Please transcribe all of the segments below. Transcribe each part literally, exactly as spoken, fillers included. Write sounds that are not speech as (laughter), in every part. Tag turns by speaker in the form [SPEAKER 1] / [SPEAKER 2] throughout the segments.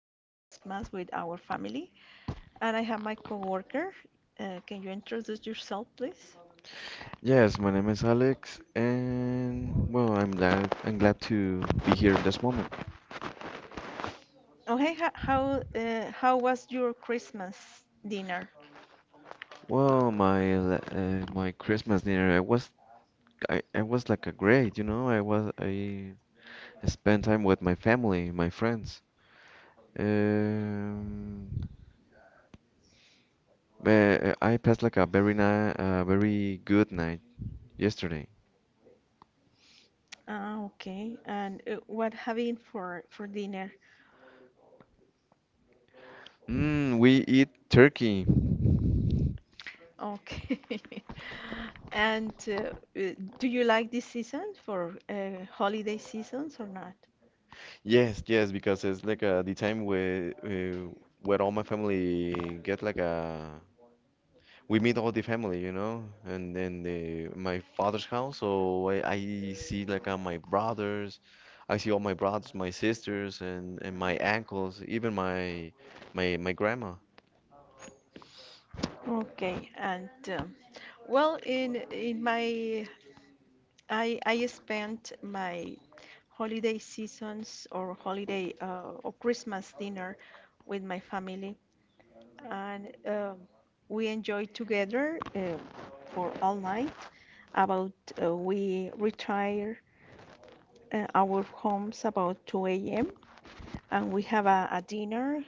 [SPEAKER 1] for Christmas with our family. And I have my coworker. Uh, Can you introduce yourself, please?
[SPEAKER 2] Yes, my name is Alex, and well, I'm glad I'm glad to be here in this moment.
[SPEAKER 1] Okay, ho- how uh, how was your Christmas dinner?
[SPEAKER 2] Well, my la- uh, my Christmas dinner, I was I, I was like a great, you know, I was I spent time with my family, my friends. Um, but I passed like a very nice, a very good night yesterday.
[SPEAKER 1] Ah, okay. And uh, what having for for dinner?
[SPEAKER 2] Mm, we eat turkey.
[SPEAKER 1] Okay. (laughs) And uh, uh, do you like this season for uh, holiday seasons or not?
[SPEAKER 2] Yes, yes, because it's like, uh, the time where, uh, where all my family get like a, we meet all the family, you know, and then the my father's house. So I, I see like uh, my brothers, I see all my brothers, my sisters, and and my uncles, even my my my grandma.
[SPEAKER 1] Okay. And um, well, in in my I I spent my holiday seasons or holiday uh, or Christmas dinner with my family, and um, we enjoyed together uh, for all night. About uh, we retire uh, our homes about two a m and we have a, a dinner.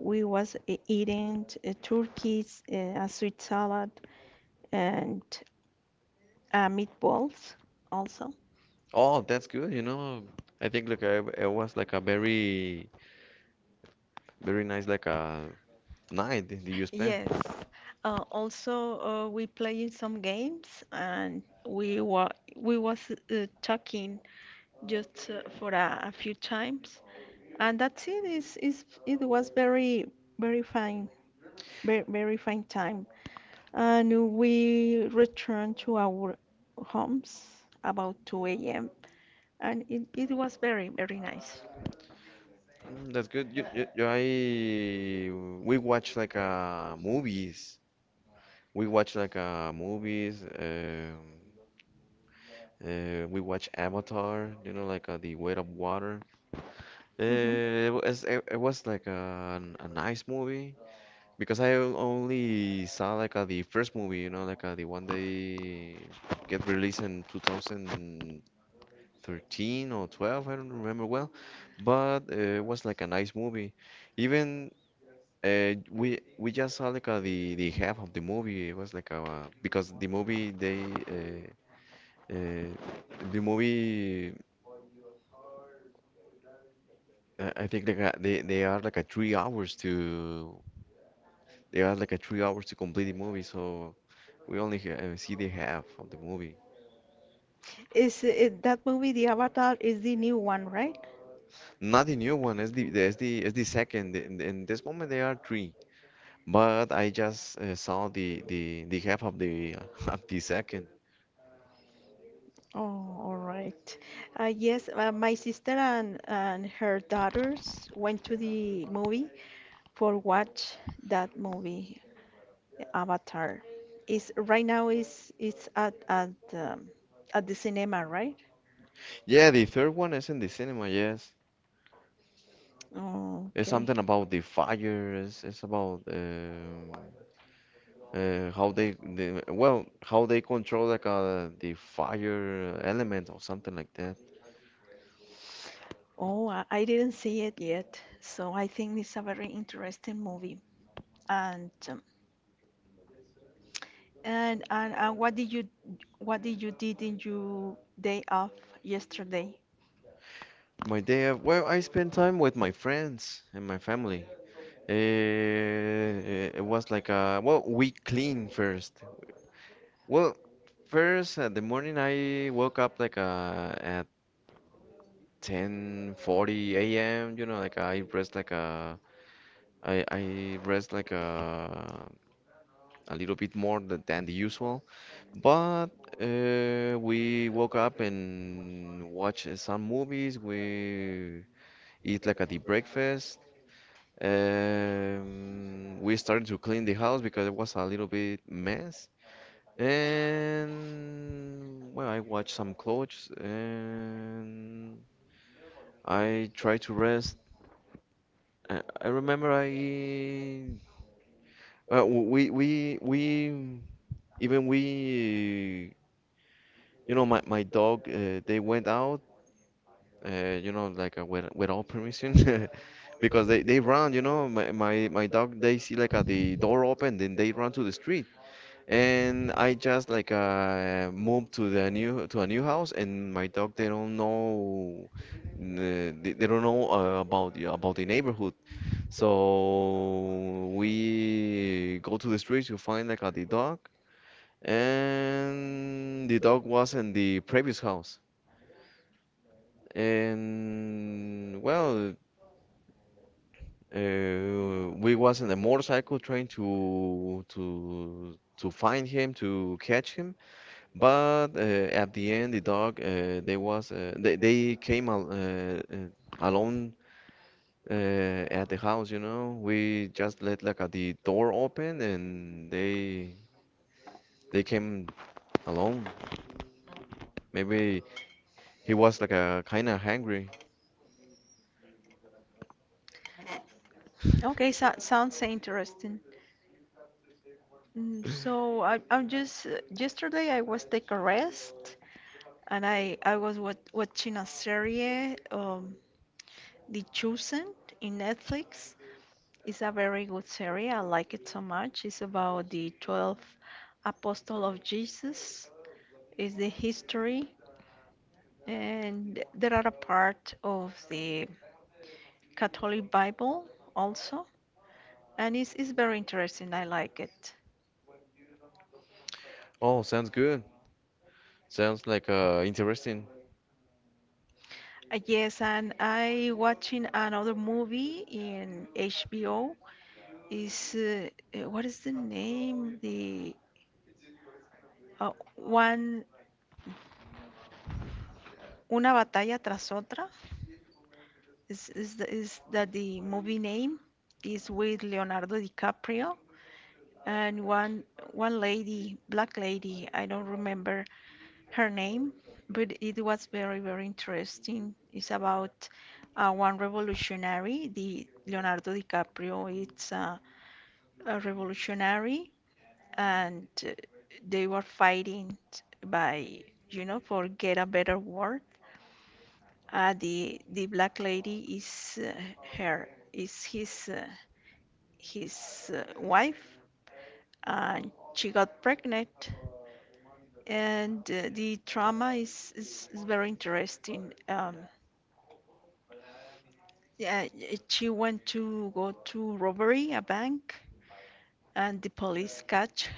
[SPEAKER 1] We was e- eating uh, turkeys, uh, a sweet salad, and uh, meatballs also.
[SPEAKER 2] Oh, that's good, you know. I think like I, it was like a very very nice, like a night that you spent.
[SPEAKER 1] Yes. Uh, also, uh, we playing some games, and we were we was uh, talking just uh, for a, a few times, and that's it. Is is it was very very fine. Very, very fine time. And we returned to our homes about two a m. And it, it was very, very nice.
[SPEAKER 2] Mm, that's good. You, you, you- I we watch like uh movies. We watch like uh movies. Um, uh, we watch Avatar. You know, like, uh, the Weight of Water.
[SPEAKER 1] hmm
[SPEAKER 2] Uh, it was it, it was like a, a nice movie because I on- only saw like uh, the first movie. You know, like, uh, the one they get released in two thousand thirteen or twelve. I don't remember well, but, uh, it was like a nice movie. Even Uh, we we just saw like uh, the the half of the movie. It was like uh, because the movie they uh, uh, the movie, uh, I think like uh, they they are like a three hours to, they are like a three hours to complete the movie. So we only ha uh, see the half of the movie.
[SPEAKER 1] Is it, that movie, The Avatar, is the new one, right?
[SPEAKER 2] Not the new one. It's the it's the it's the second. In, in this moment they are three. But I just, uh, saw the the the half of the (laughs) of the second.
[SPEAKER 1] Oh, all right. Uh, yes, uh, my sister and, and her daughters went to the movie for watch that movie. Avatar is right now is it's at at um, at the cinema, right?
[SPEAKER 2] Yeah, the third one is in the cinema. Yes.
[SPEAKER 1] Oh,
[SPEAKER 2] It's
[SPEAKER 1] okay.
[SPEAKER 2] something about the fires. It's about, um uh, how they, the well, how they control like uh, the fire element or something like that.
[SPEAKER 1] Oh, I I didn't see it yet, so I think it's a very interesting movie. And um, and and, and what did you what did you did in your day off yesterday?
[SPEAKER 2] My day of, well, I spend time with my friends and my family. Uh, it was like, uh well, we clean first. Well, first, uh, the morning I woke up like uh at ten forty a m. You know, like I rest like a, I, I rest like a. a little bit more th- than the usual. But, uh, we woke up and watched, uh, some movies. We eat like a the breakfast. Um, we started to clean the house because it was a little bit mess. And well, I watched some clothes and I tried to rest. I, I remember I well, we we we even we You know, my my dog, uh, they went out, uh, you know, like uh, with without permission, (laughs) because they they run. You know, my my my dog, they see like uh, the door open, then they run to the street, and I just like uh moved to the new to a new house, and my dog, they don't know, uh, they, they don't know uh, about the about the neighborhood. So we go to the streets to find like uh, the dog, and the dog was in the previous house. And well, uh, we was in a motorcycle trying to to to find him, to catch him, but, uh, at the end the dog, uh, they was, uh, they they came al uh, uh, alone, uh, at the house. You know, we just let like uh, the door open and they they came alone. Maybe he was like a kind of hungry. (laughs)
[SPEAKER 1] Okay, so, sounds interesting. Mm, So I, I'm just uh, yesterday I was take a rest and I I was wat watching a serie. Um, The Chosen in Netflix is a very good series. I like it so much. It's about the twelve apostle of Jesus. It's the history and there are a part of the Catholic Bible also. And it's, it's very interesting. I like it.
[SPEAKER 2] Oh, sounds good. Sounds like uh, interesting.
[SPEAKER 1] Uh, Yes, and I watching another movie in H B O is uh, uh, what is the name? The uh, one Una batalla tras otra is, is, the- is that the movie name is with Leonardo DiCaprio and one one lady, black lady, I don't remember her name, but it was very, very interesting. It's about uh, one revolutionary, the Leonardo DiCaprio. It's uh, a revolutionary, and uh, they were fighting by, you know, for get a better world. Uh, the the black lady is uh, her is his uh, his uh, wife, and she got pregnant. And uh, the trauma is, is, is very interesting. Um, yeah, y- she went to go to robbery a bank, and the police catch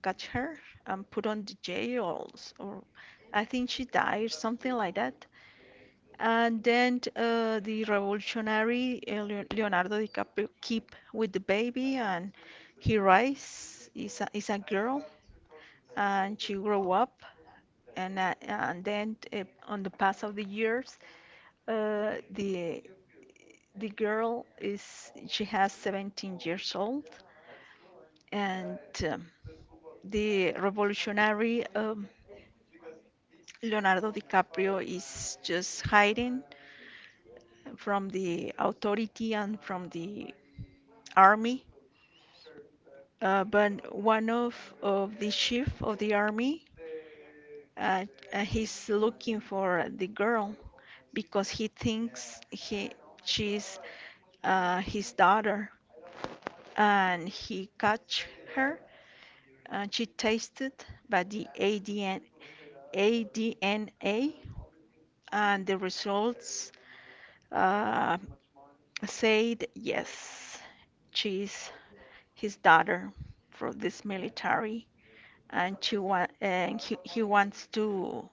[SPEAKER 1] catch her and put on the jails, or I think she died, something like that. And then uh, the revolutionary uh, Leo- Leonardo DiCaprio keep with the baby, and he rise is a, is a girl, and she grow up, and uh, and then uh, on the pass of the years, uh, the the girl is she has seventeen years old, and um, the revolutionary um, Leonardo DiCaprio is just hiding from the authority and from the army. Uh, but one of, of the chief of the army, uh, uh, he's looking for the girl because he thinks he she's uh, his daughter, and he catch her. And she tasted by the A D N A D N A, and the results. Uh, Said yes, she's his daughter from this military, and she wa- and he, he wants to,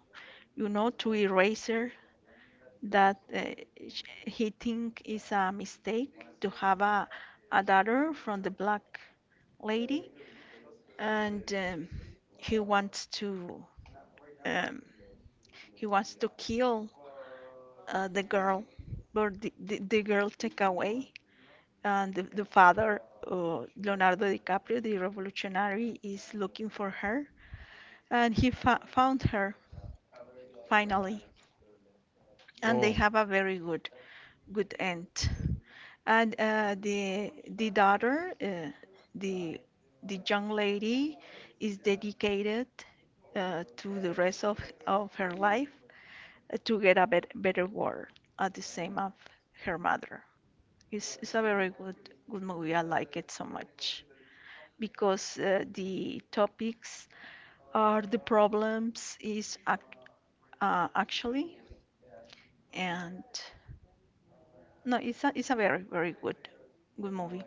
[SPEAKER 1] you know, to erase her. That uh, sh- he think is a mistake to have a, a daughter from the black lady, and um, he wants to um, he wants to kill uh, the girl, but the, the, the girl take away. And the, the father, uh, Leonardo DiCaprio, the revolutionary, is looking for her, and he fa found her finally, and they
[SPEAKER 2] Oh.
[SPEAKER 1] have a very good, good end. And uh, the the daughter, uh, the the young lady, is dedicated uh, to the rest of of her life uh, to get a bet better world at the same of her mother. It's it's a very good good movie. I like it so much. Because uh, the topics are the problems is ac uh, actually and no it's a, it's a very very good good movie.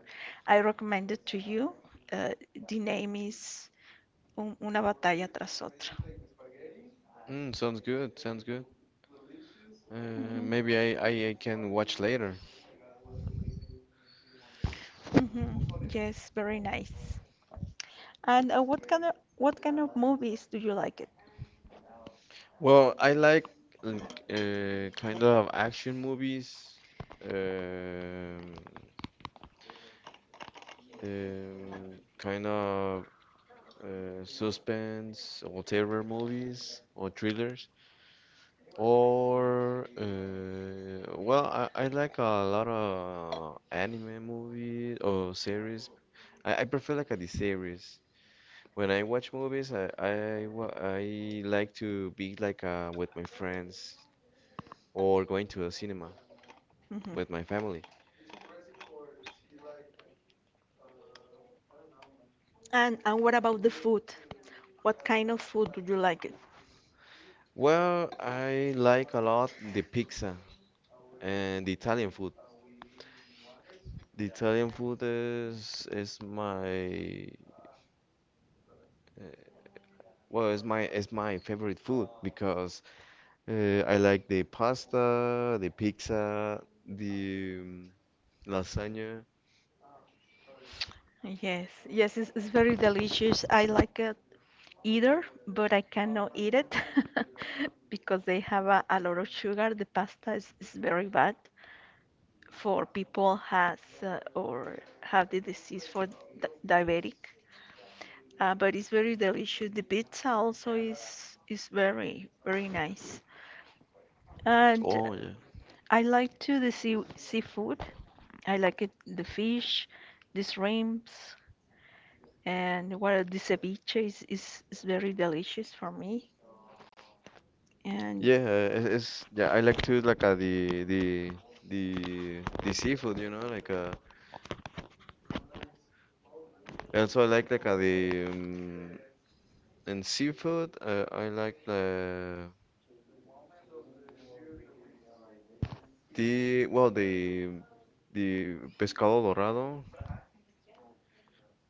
[SPEAKER 1] I recommend it to you. uh, the name is Un- Una batalla tras otra.
[SPEAKER 2] Mm, sounds good. Sounds good. Uh, maybe I, I I can watch later.
[SPEAKER 1] hmm Yes, very nice. And uh, what kind of what kind of movies do you like it?
[SPEAKER 2] Well, I like like, uh, kind of action movies, um, um, kind of, uh, suspense or terror movies or thrillers, or, uh, well, I, I like a lot of anime movies or series. I, I prefer like a the series. When I watch movies, I, I wa- I like to be like uh, with my friends or going to a cinema
[SPEAKER 1] hmm
[SPEAKER 2] with my family.
[SPEAKER 1] And and what about the food? What kind of food do you like it?
[SPEAKER 2] Well, I like a lot the pizza and the Italian food. The Italian food is is my, uh, well, is my is my favorite food because, uh, I like the pasta, the pizza, the, um, lasagna.
[SPEAKER 1] Yes, yes, it's, it's very delicious. I like it either, but I cannot eat it (laughs) because they have a, a lot of sugar. The pasta is, is very bad for people has uh, or have the disease for di diabetic. Uh, but it's very delicious. The pizza also is is very very nice. And
[SPEAKER 2] Oh yeah.
[SPEAKER 1] I like to the sea seafood. I like it the fish, the shrimps, and what the ceviche is, is is very delicious for me. And
[SPEAKER 2] Yeah, it's, it's yeah. I like to, like uh, the the the the seafood, you know, like uh. Also, I like like uh, the um, and seafood. Uh, I like the the well, the the pescado dorado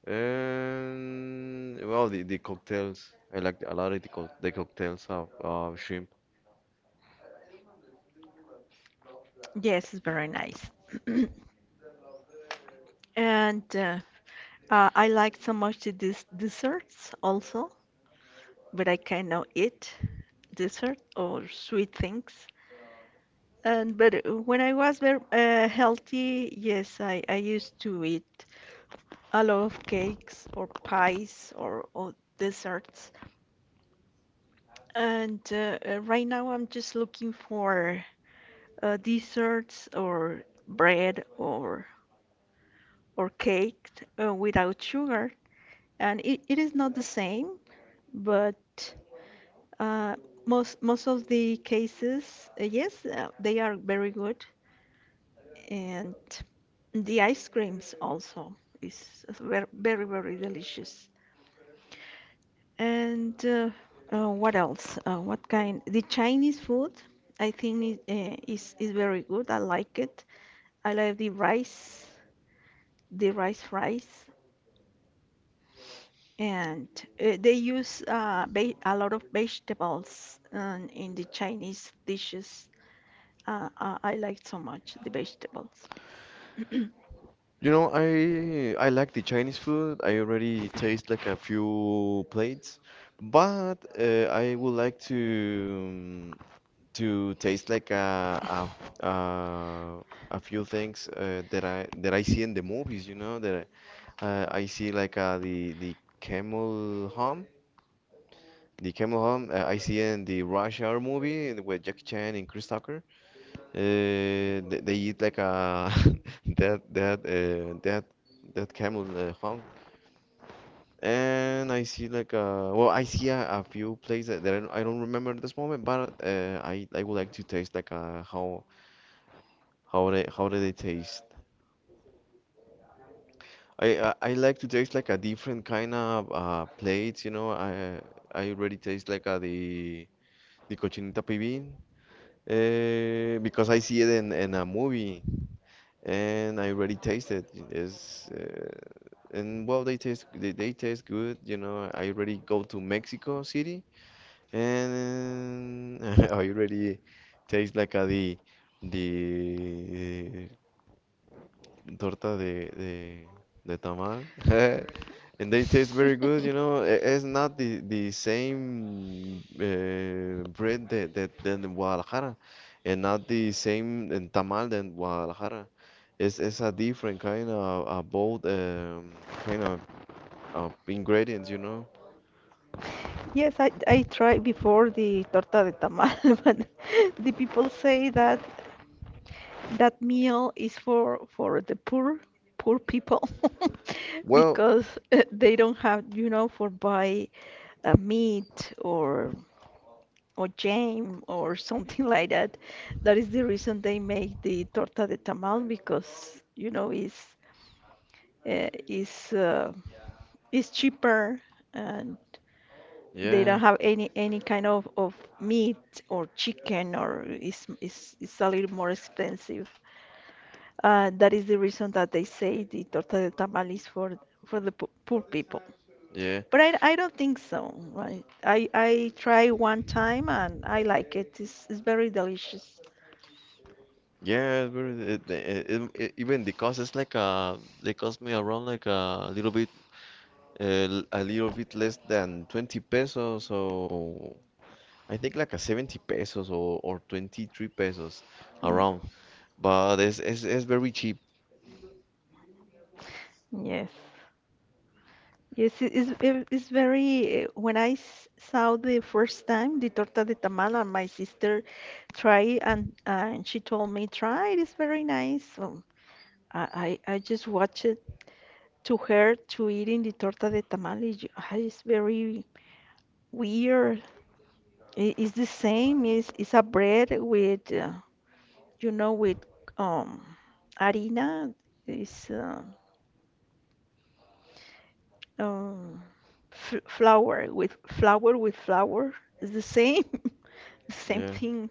[SPEAKER 2] and well, the the cocktails. I like a lot of the co the cocktails of, of shrimp.
[SPEAKER 1] yes, it's very nice. (clears throat) And uh, uh, I like so much the des desserts also, but I cannot eat dessert or sweet things. And but when I was very uh, healthy, yes, I, I used to eat a lot of cakes or pies or, or desserts. And uh, uh, right now I'm just looking for uh, desserts or bread or or cake uh, without sugar. And it, it is not the same, but uh, most most of the cases, uh, yes, uh, they are very good. And the ice creams also is ver- very very delicious. And uh, uh, what else? Uh, what kind? The Chinese food, I think, is, uh, is is very good. I like it. I like the rice, the rice fries, and uh, they use uh, ve- a lot of vegetables um, in the Chinese dishes. Uh, I, I like so much the vegetables.
[SPEAKER 2] You know, I I like the Chinese food. I already taste like a few plates, but, uh, I would like to, um, to taste like a a, a, a few things, uh, that I that I see in the movies. You know that, I, uh, I see like uh, the the camel hump, the camel hump uh, I see in the Rush Hour movie, and with Jackie Chan and Chris Tucker. Uh, they, they eat like a (laughs) dead dead uh, dead dead camel, uh, hung. And I see like a, well, I see a, a few places that, I don't, I don't remember at this moment, but, uh, I I would like to taste like a how how they how do they taste? I, I I like to taste like a different kind of uh plates, you know. I I already taste like uh the the cochinita pibil, uh, because I see it in in a movie and I already tasted it. Is, uh, and well, they taste they, they taste good. You know, I already go to Mexico City, and (laughs) I already taste like a, the the torta de de, de tamal, (laughs) and they taste very good. You know, I- it's not the the same, uh,
[SPEAKER 1] (laughs)
[SPEAKER 2] bread that that than in Guadalajara, and not the same in tamal than Guadalajara. It's it's a different kind of a bold, um, kind of, uh, ingredients, you know.
[SPEAKER 1] Yes, I, I tried before the torta de tamal, (laughs) but the people say that that meal is for for the poor poor people (laughs)
[SPEAKER 2] Well,
[SPEAKER 1] because uh, they don't have, you know, for buy uh, meat or or jam or (laughs) something like that. That is the reason they make the torta de tamal because, you know, it's uh, is uh, is cheaper. And they
[SPEAKER 2] yeah,
[SPEAKER 1] don't have any any kind of, of meat or chicken or is is it's a little more expensive. Uh, that is the reason that they say the torta de tamal is for for the po poor people.
[SPEAKER 2] yeah,
[SPEAKER 1] But I, I don't think so, right? I I try one time and I like it. It's, it's very delicious.
[SPEAKER 2] yeah. It's very, it, it, it, it- Even the cost is like uh, they cost me around, like a little bit, uh, a little bit less than twenty pesos. So I think like a seventy pesos, or, or twenty three pesos
[SPEAKER 1] Mm,
[SPEAKER 2] around. But it's, it's it's very cheap.
[SPEAKER 1] yes. Yes it is, it is very. When I s- saw the first time the torta de tamal, and my sister tried, and and she told me, try it is very nice. So I, I I just watched it to her to eating the torta de tamal. It, ju- ah, it's very weird. It is the same. It's, it's a bread with, uh, you know, with um, harina. It's uh, um, f Flour with flour with flour. It's the same. (laughs) Same
[SPEAKER 2] Yeah.
[SPEAKER 1] thing.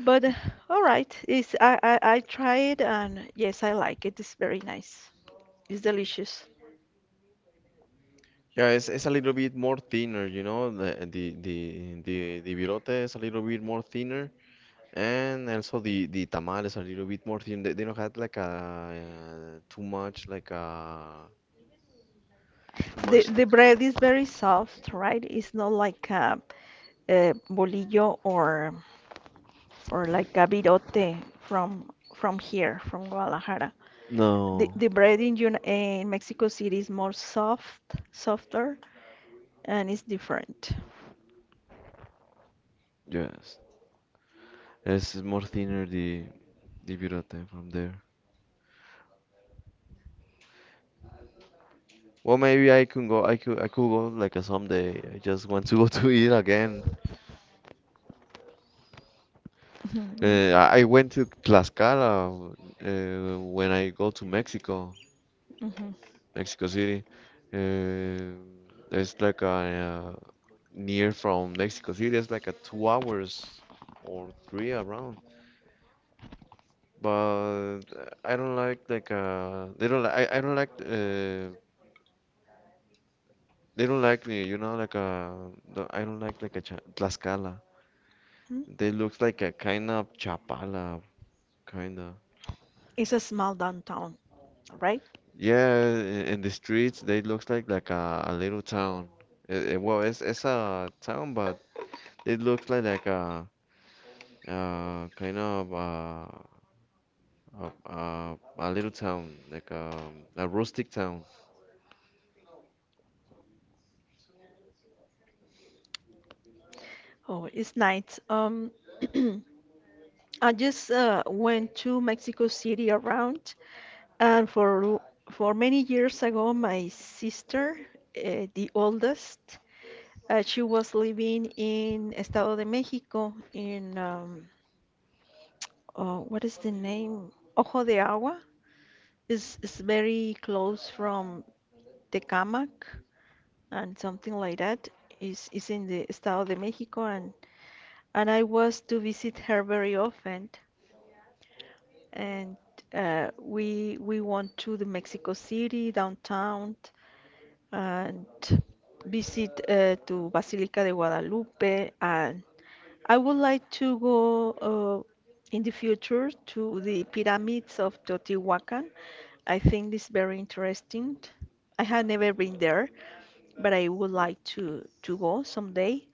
[SPEAKER 1] But uh, all right, it's, I, I I try it and yes, I like it. It's very nice. It's delicious.
[SPEAKER 2] Yeah, it's, it's a little bit more thinner, you know. The the the the, the virote is a little bit more thinner. And also the the tamales are a little bit more thin. They, they don't have like a uh, too much, like a Too
[SPEAKER 1] The
[SPEAKER 2] much
[SPEAKER 1] the
[SPEAKER 2] like a
[SPEAKER 1] bread is very soft, right? It's not like a, a bolillo or or like a virote from from here, from Guadalajara. The
[SPEAKER 2] no.
[SPEAKER 1] the bread in Uni- in Mexico City is more soft, softer, and it's different.
[SPEAKER 2] Yes, it's more thinner, the the virote from there. Well, maybe I can go. I could I could go like a someday. I just want to (laughs) go to eat again.
[SPEAKER 1] (laughs)
[SPEAKER 2] Uh,
[SPEAKER 1] Mhm.
[SPEAKER 2] I I went to Tlaxcala, uh, when I go to, Mexico,
[SPEAKER 1] Mhm.
[SPEAKER 2] Mexico City. Uh, it's like a uh, near from Mexico City. It's like a two hours or three around. But, uh, I don't like, like uh they don't like I, I don't like, uh they don't like me you know like uh the- I don't like like a cha Tlaxcala.
[SPEAKER 1] Mhm.
[SPEAKER 2] They looks like a kind of Chapala, kind of,
[SPEAKER 1] It's a small downtown, right?
[SPEAKER 2] yeah, in, in the streets they looks like like a, a little town. Eh, eh, well, it's it's a town, but it looks like like a uh kind of uh. Uh, uh, a little town, like um, a rustic town.
[SPEAKER 1] Oh, it's nice. Um, (clears throat) I just uh, went to Mexico City around, and for l- for many years ago, my sister, uh, the oldest, uh, she was living in Estado de México in um, uh, what is the name? Ojo de Agua is is very close from Tecámac and something like that. Is is in the Estado de México, and and I was to visit her very often. And uh, we we went to the Mexico City downtown and visit uh, to Basilica de Guadalupe. And I would like to go uh, in the future to the pyramids of Teotihuacan. I think it's very interesting. I have never been there, but I would like to to go someday.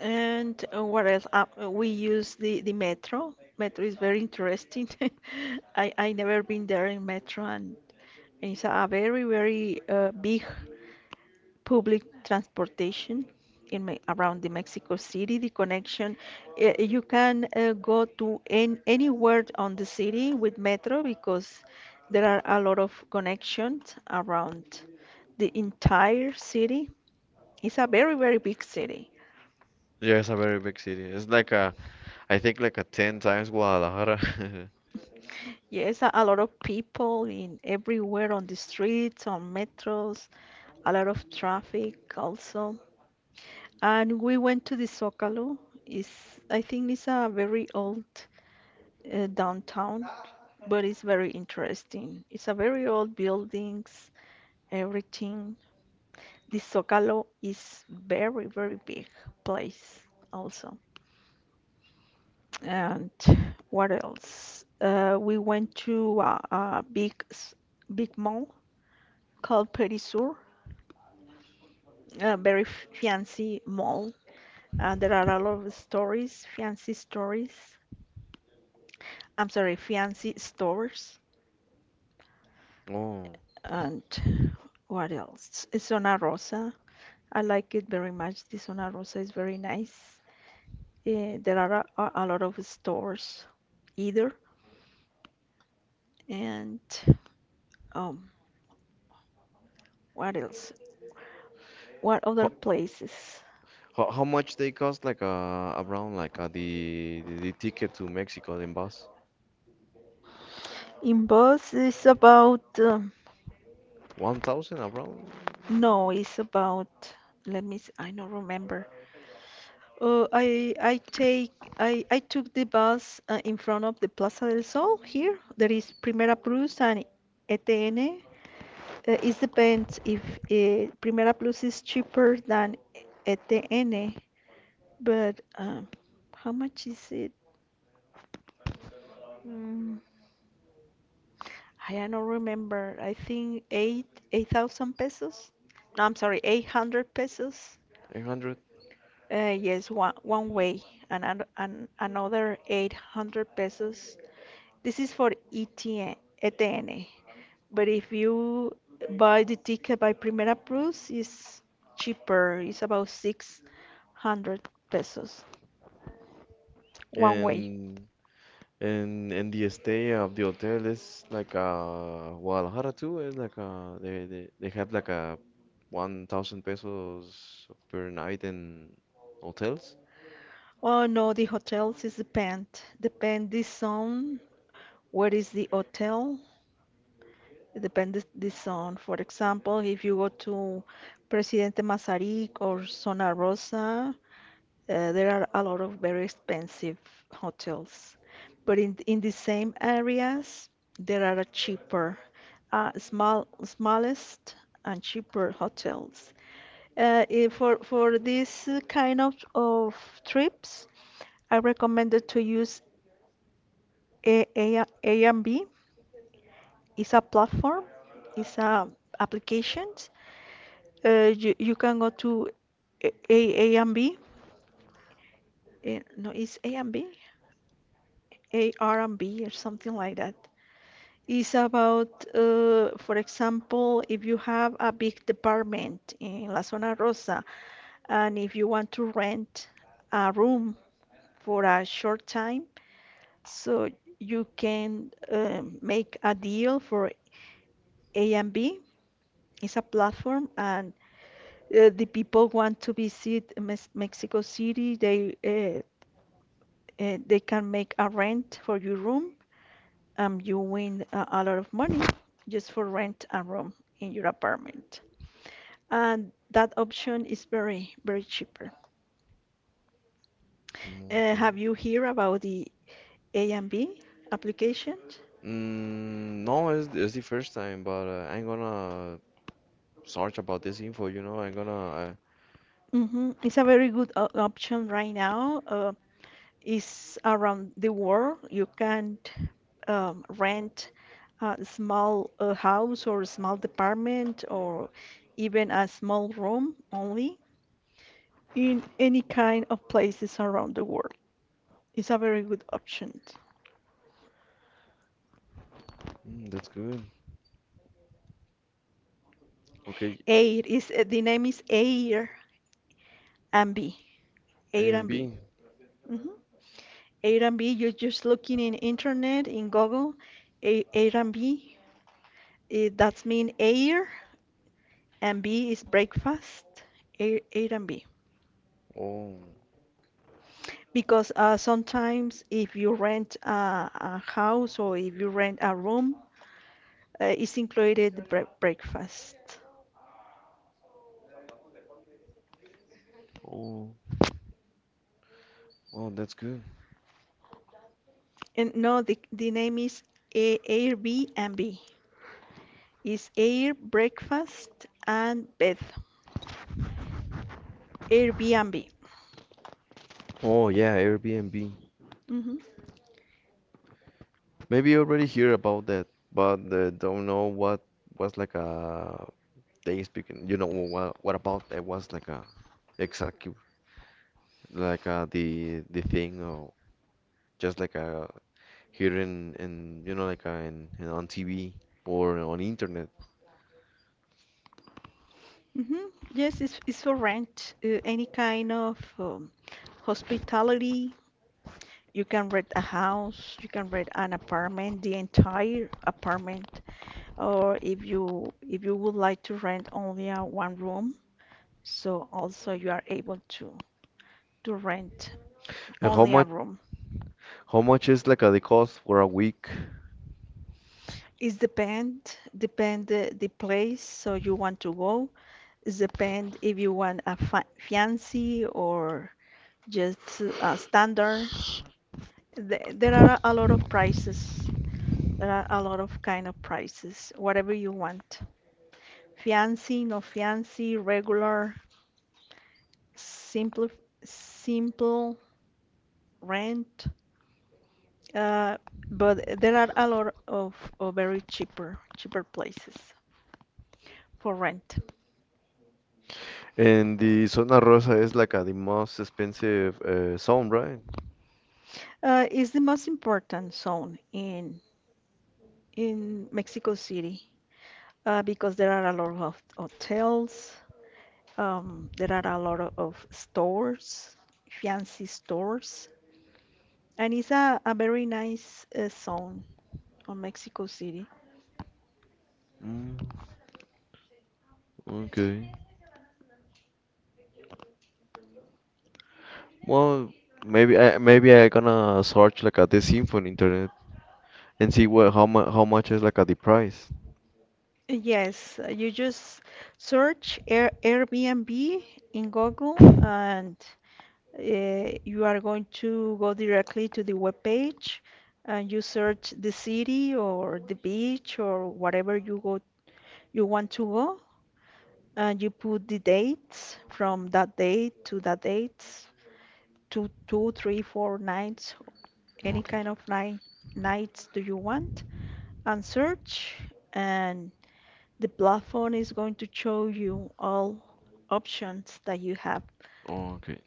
[SPEAKER 1] And uh, what else? Uh, uh, we use the, the metro. Metro is very interesting. (laughs) I I never been there in metro, and, and it's a very very uh, big public transportation in Me around the Mexico City. The connection, uh, you can uh, go to an anywhere on the city with metro because there are a lot of connections around the entire city. It's a very very big city.
[SPEAKER 2] Yeah, it's a very big city. It's like a, I think like a ten times Guadalajara. (laughs)
[SPEAKER 1] Yes, a, a lot of people in everywhere on the streets, on metros, a lot of traffic also. And we went to the Zócalo. It's, I think it's a very old uh, downtown, but it's very interesting. It's a very old buildings, everything. The Zócalo is very, very big place also. And what else? Uh, we went to a, a big, s- big mall called Petit Sur, a very f- fancy mall. Uh, there are a lot of stories, fancy stories. I'm sorry, fancy stores.
[SPEAKER 2] Oh,
[SPEAKER 1] And what else? Zona Rosa. I like it very much. The Zona Rosa is very nice. Eh, there are a, a lot of stores either. And um, what else? What other
[SPEAKER 2] how,
[SPEAKER 1] places?
[SPEAKER 2] how, how much they cost? Like uh, around like uh, the, the the ticket to Mexico in bus?
[SPEAKER 1] In Boss is about, um,
[SPEAKER 2] One thousand, around
[SPEAKER 1] no, it's about, let me, s- I don't remember. Uh, I I take I, I took the bus uh, in front of the Plaza del Sol here. There is Primera Plus and E T N. Uh, it depends if uh, Primera Plus is cheaper than E T N, but um, how much is it? Mm, I don't remember. I think eight eight thousand pesos. No, I'm sorry, eight hundred pesos.
[SPEAKER 2] eight hundred.
[SPEAKER 1] Uh, yes, one one way and, an- and another eight hundred pesos. This is for E T N. But if you buy the ticket by Primera Plus, it's cheaper. It's about six hundred pesos one way.
[SPEAKER 2] And And and the stay of the hotel is like uh Guadalajara too, is like uh they, they they have like a one thousand pesos per night in hotels.
[SPEAKER 1] Oh no, the hotels is depend. Depend this on where is the hotel. It depends this on. For example, if you go to Presidente Masaryk or Zona Rosa, uh, there are a lot of very expensive hotels. But in in the same areas, there are a cheaper, uh, small, smallest and cheaper hotels. Uh, i- for for this uh, kind of, of trips, I recommended to use A A Airbnb. It's a platform, it's a applications. Uh, you, you can go to A A Airbnb. Eh, No, it's Airbnb, A R B or something like that. It's about, uh, for example, if you have a big department in La Zona Rosa, and if you want to rent a room for a short time, so you can um, make a deal for A and B. It's a platform, and uh, the people want to visit Mes- Mexico City. They uh, uh, they can make a rent for your room, and you win a, a lot of money just for rent a room in your apartment. And that option is very very cheaper.
[SPEAKER 2] Mm,
[SPEAKER 1] Uh,
[SPEAKER 2] okay.
[SPEAKER 1] have you heard about the A and B application?
[SPEAKER 2] Mm, no, it's, it's the first time, but, uh, I'm gonna search about this info, you know, I'm gonna, uh,
[SPEAKER 1] Hmm, it's a very good o- option right now. Uh, is around the world. You can't um, rent a small uh, house or a small department or even a small room only in any kind of places around the world. It's a very good option.
[SPEAKER 2] mm, that's good. Okay,
[SPEAKER 1] Air is uh, the name is Air and B. Air
[SPEAKER 2] A and
[SPEAKER 1] and B.
[SPEAKER 2] B.
[SPEAKER 1] Hmm. Airbnb, you're just looking in internet in Google, A- Airbnb, it, that's mean air and B is breakfast, Air, Airbnb.
[SPEAKER 2] Oh,
[SPEAKER 1] Because uh, sometimes if you rent a, a house or if you rent a room, uh, it's included the bre breakfast.
[SPEAKER 2] oh, oh, that's good.
[SPEAKER 1] And no, the, the name is A Airbnb. It's air, breakfast, and bed. Airbnb.
[SPEAKER 2] Oh yeah, Airbnb.
[SPEAKER 1] Hmm.
[SPEAKER 2] Maybe you already hear about that, but, uh, don't know what was like a they speaking. You know what what about that was like a exactly, like uh, the the thing, or just like a here, in in you know, like uh, in, in on T V or on internet.
[SPEAKER 1] Hmm. Yes, it's, it's for rent. Uh, any kind of um, hospitality. You can rent a house, you can rent an apartment, the entire apartment, or if you if you would like to rent only a one room, so also you are able to to rent
[SPEAKER 2] And how
[SPEAKER 1] only a
[SPEAKER 2] much
[SPEAKER 1] room.
[SPEAKER 2] how much is like uh, the cost for a week?
[SPEAKER 1] It's depend depend the, the place so you want to go. It's depend if you want a fa fancy or just a standard. The- There are a lot of prices. There are a lot of kind of prices. Whatever you want. Fancy, no fancy, regular, simple, simple rent. Uh, but there are a lot of, of very cheaper cheaper places for rent.
[SPEAKER 2] And the Zona Rosa is like uh, the most expensive, uh, zone, right?
[SPEAKER 1] Uh, it's the most important zone in in Mexico City uh, because there are a lot of hotels. Um, there are a lot of stores, fancy stores, and it's a, a very nice uh, zone on Mexico City.
[SPEAKER 2] Mm, okay. Well, maybe I maybe I gonna search like at the symphony internet and see what, how much how much is like at the price.
[SPEAKER 1] Yes, uh, you just search Air Airbnb in Google and Uh, you are going to go directly to the web page and you search the city or the beach or whatever you go you want to go and you put the dates from that date to that date to two, three, four nights, any
[SPEAKER 2] Okay.
[SPEAKER 1] kind of night nights do you want and search, and the platform is going to show you all options that you have.
[SPEAKER 2] Okay.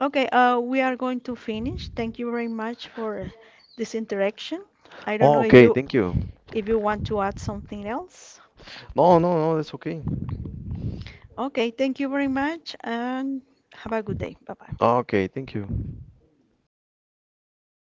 [SPEAKER 1] Okay, uh, we are going to finish. Thank you very much for this interaction. I don't know
[SPEAKER 2] Oh,
[SPEAKER 1] if
[SPEAKER 2] okay.
[SPEAKER 1] you
[SPEAKER 2] Thank you.
[SPEAKER 1] if you want to add something else.
[SPEAKER 2] No, no, no. That's okay.
[SPEAKER 1] Okay, thank you very much and have a good day. Bye bye.
[SPEAKER 2] Oh, okay. Thank you.